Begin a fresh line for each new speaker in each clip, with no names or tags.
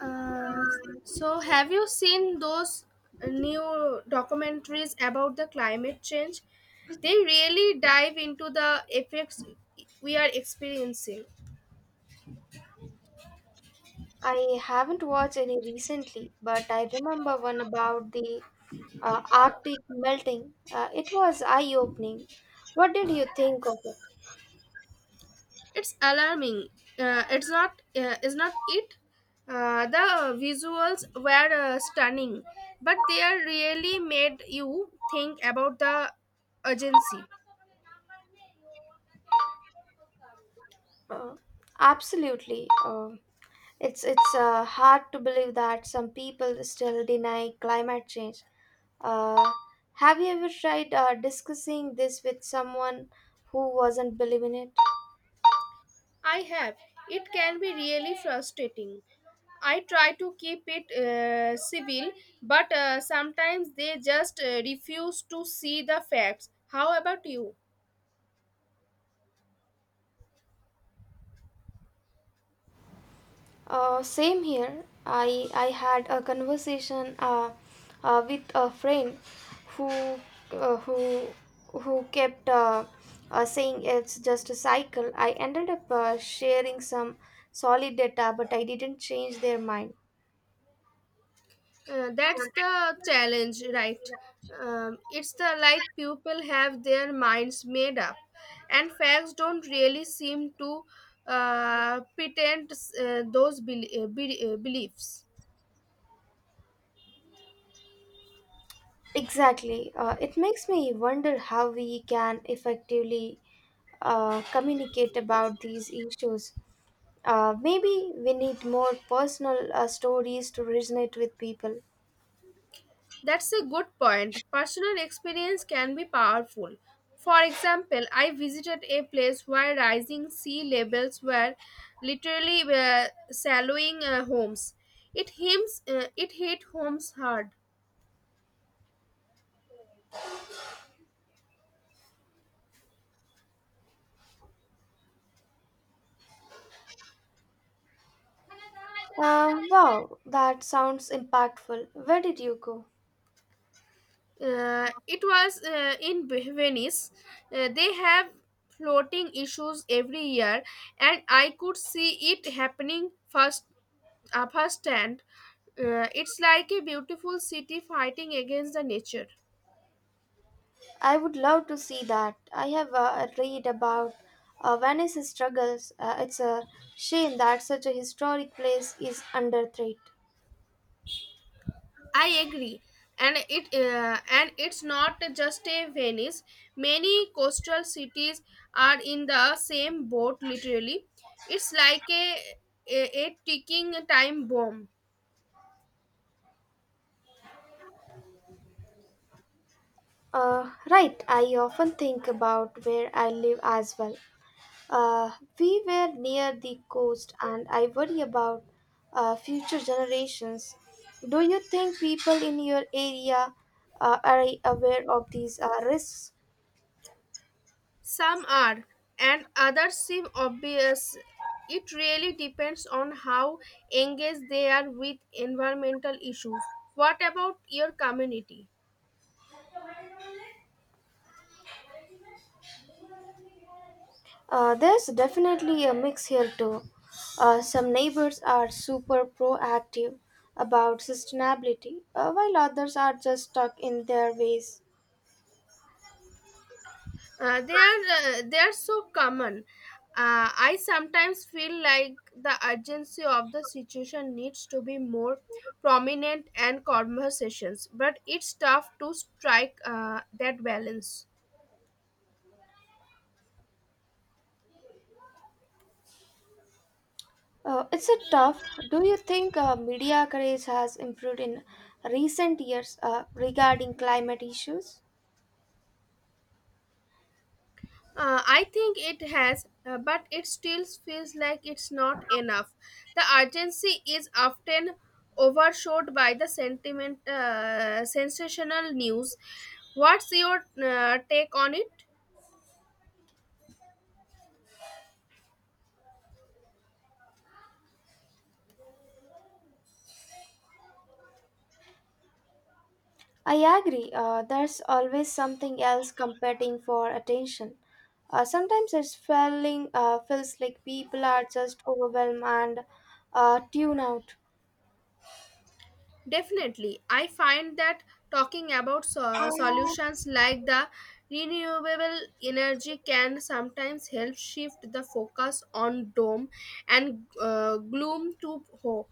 Uh, so have you seen those new documentaries about the climate change? They really dive into the effects we are experiencing.
I haven't watched any recently, but I remember one about the Arctic melting. It was eye opening. What did you think of it?
It's alarming. It's not. Is not it? The visuals were stunning, but they are really made you think about the urgency.
Uh, absolutely. It's hard to believe that some people still deny climate change. Uh, have you ever tried discussing this with someone who wasn't believing it?
I have. It can be really frustrating. I try to keep it civil, but sometimes they just refuse to see the facts. How about you?
Same here. I had a conversation with a friend who uh, who who kept saying it's just a cycle. I ended up sharing some solid data, but I didn't change their mind.
That's the challenge, right? It's the like people have their minds made up, and facts don't really seem to pretend beliefs.
Exactly. It makes me wonder how we can effectively communicate about these issues. Maybe we need more personal stories to resonate with people.
That's a good point. Personal experience can be powerful. For example, I visited a place where rising sea levels were literally swallowing homes. It hit homes hard.
Wow, that sounds impactful. Where did you go?
It was in Venice. They have floating issues every year, and I could see it happening firsthand. It's like a beautiful city fighting against the nature.
I would love to see that. I have read about Venice's struggles. It's a shame that such a historic place is under threat.
I agree, and it's not just a Venice. Many coastal cities are in the same boat. Literally, it's like a ticking time bomb.
Right, I often think about where I live as well. Uh, we were near the coast, and I worry about future generations. Do you think people in your area are aware of these risks?
Some are, and others seem obvious. It really depends on how engaged they are with environmental issues. What about your community?
There's definitely a mix here too. Some neighbors are super proactive about sustainability, while others are just stuck in their ways.
They are so common. I sometimes feel like the urgency of the situation needs to be more prominent and conversations, but it's tough to strike that balance.
It's a tough. Do you think media coverage has improved in recent years regarding climate issues?
I think it has, but it still feels like it's not enough. The urgency is often overshadowed by the sensational news. What's your take on it?
I agree. There's always something else competing for attention. Sometimes it's feeling feels like people are just overwhelmed and tune out.
Definitely. I find that talking about solutions like the renewable energy can sometimes help shift the focus on doom and gloom to hope.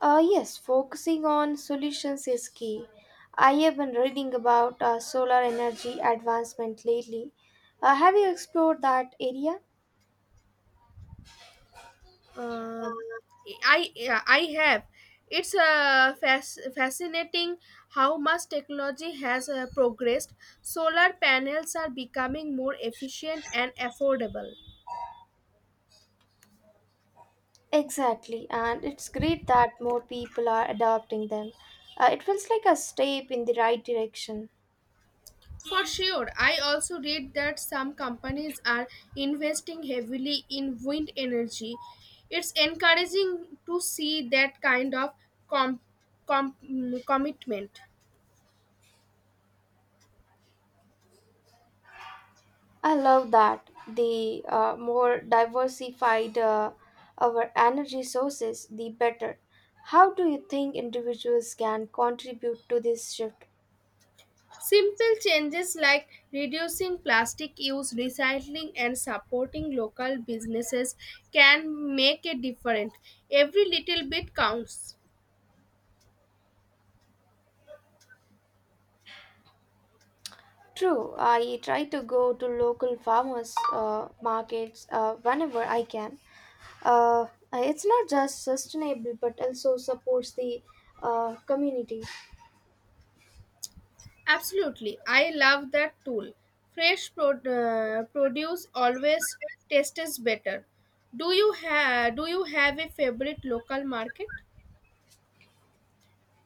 Yes, focusing on solutions is key. I have been reading about solar energy advancement lately. Have you explored that area?
Uh, I, I have. It's fascinating how much technology has progressed. Solar panels are becoming more efficient and affordable.
Exactly, and it's great that more people are adopting them. It feels like a step in the right direction.
For sure, I also read that some companies are investing heavily in wind energy. It's encouraging to see that kind of com- commitment.
I love that. The more diversified our energy sources, the better. How do you think individuals can contribute to this shift?
Simple changes like reducing plastic use, recycling, and supporting local businesses can make a difference. Every little bit counts.
True, I try to go to local farmers markets whenever I can. It's not just sustainable but also supports the community.
Absolutely. I love that tool. Fresh produce always tastes better. Do you have a favorite local market?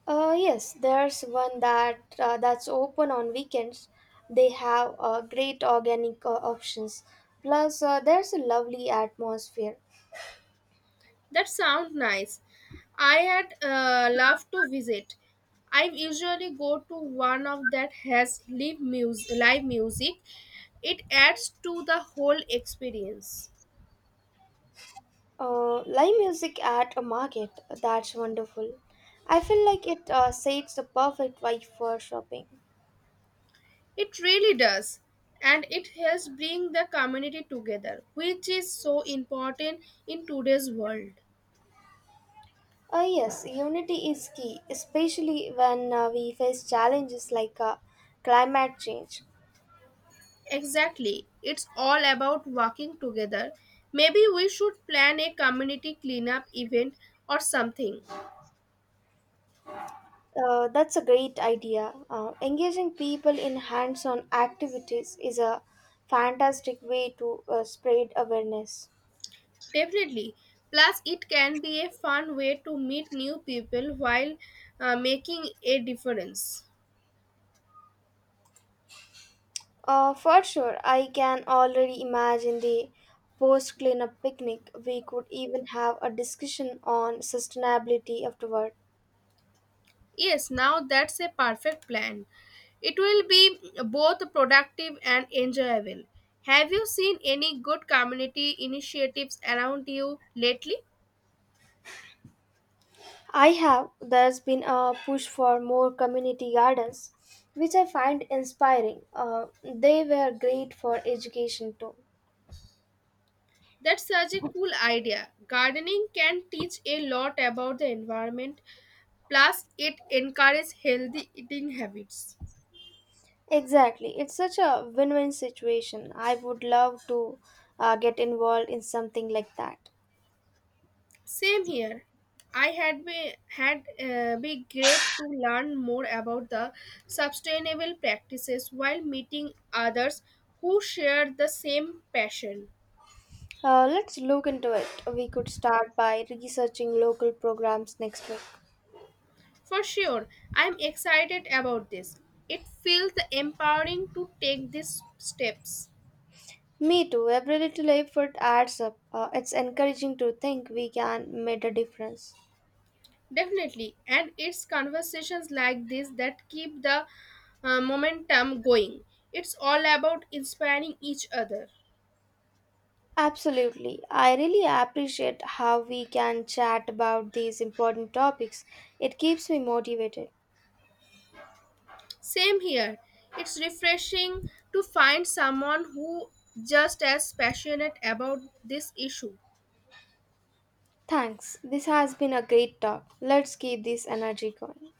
Yes, there's one that that's open on weekends. They have great organic options. Plus, there's a lovely atmosphere.
That sounds nice. I had loved to visit. I usually go to one of that has live music. It adds to the whole experience.
Live music at a market, that's wonderful. I feel like it sets the perfect vibe for shopping.
It really does. And it helps bring the community together, which is so important in today's world.
Yes, unity is key, especially when we face challenges like climate change.
Exactly. It's all about working together. Maybe we should plan a community cleanup event or something.
That's a great idea. Engaging people in hands on activities is a fantastic way to spread awareness.
Definitely. Plus, it can be a fun way to meet new people while making a difference.
For sure, I can already imagine the post cleanup picnic. We could even have a discussion on sustainability afterward.
Yes, now that's a perfect plan. It will be both productive and enjoyable. Have you seen any good community initiatives around you lately?
I have. There's been a push for more community gardens, which I find inspiring. They were great for education too.
That's such a cool idea. Gardening can teach a lot about the environment, plus, it encourages healthy eating habits.
Exactly. It's such a win win situation. I would love to get involved in something like that.
Same here. I had be, had Be great to learn more about the sustainable practices while meeting others who share the same passion.
Let's look into it. We could start by researching local programs next week.
For sure, I'm excited about this. It feels empowering to take these steps.
Me too. Every little effort adds up. It's encouraging to think we can make a difference.
Definitely, and it's conversations like this that keep the momentum going. It's all about inspiring each other.
Absolutely. I really appreciate how we can chat about these important topics. It keeps me motivated.
Same here. It's refreshing to find someone who just as passionate about this issue.
Thanks. This has been a great talk. Let's keep this energy going.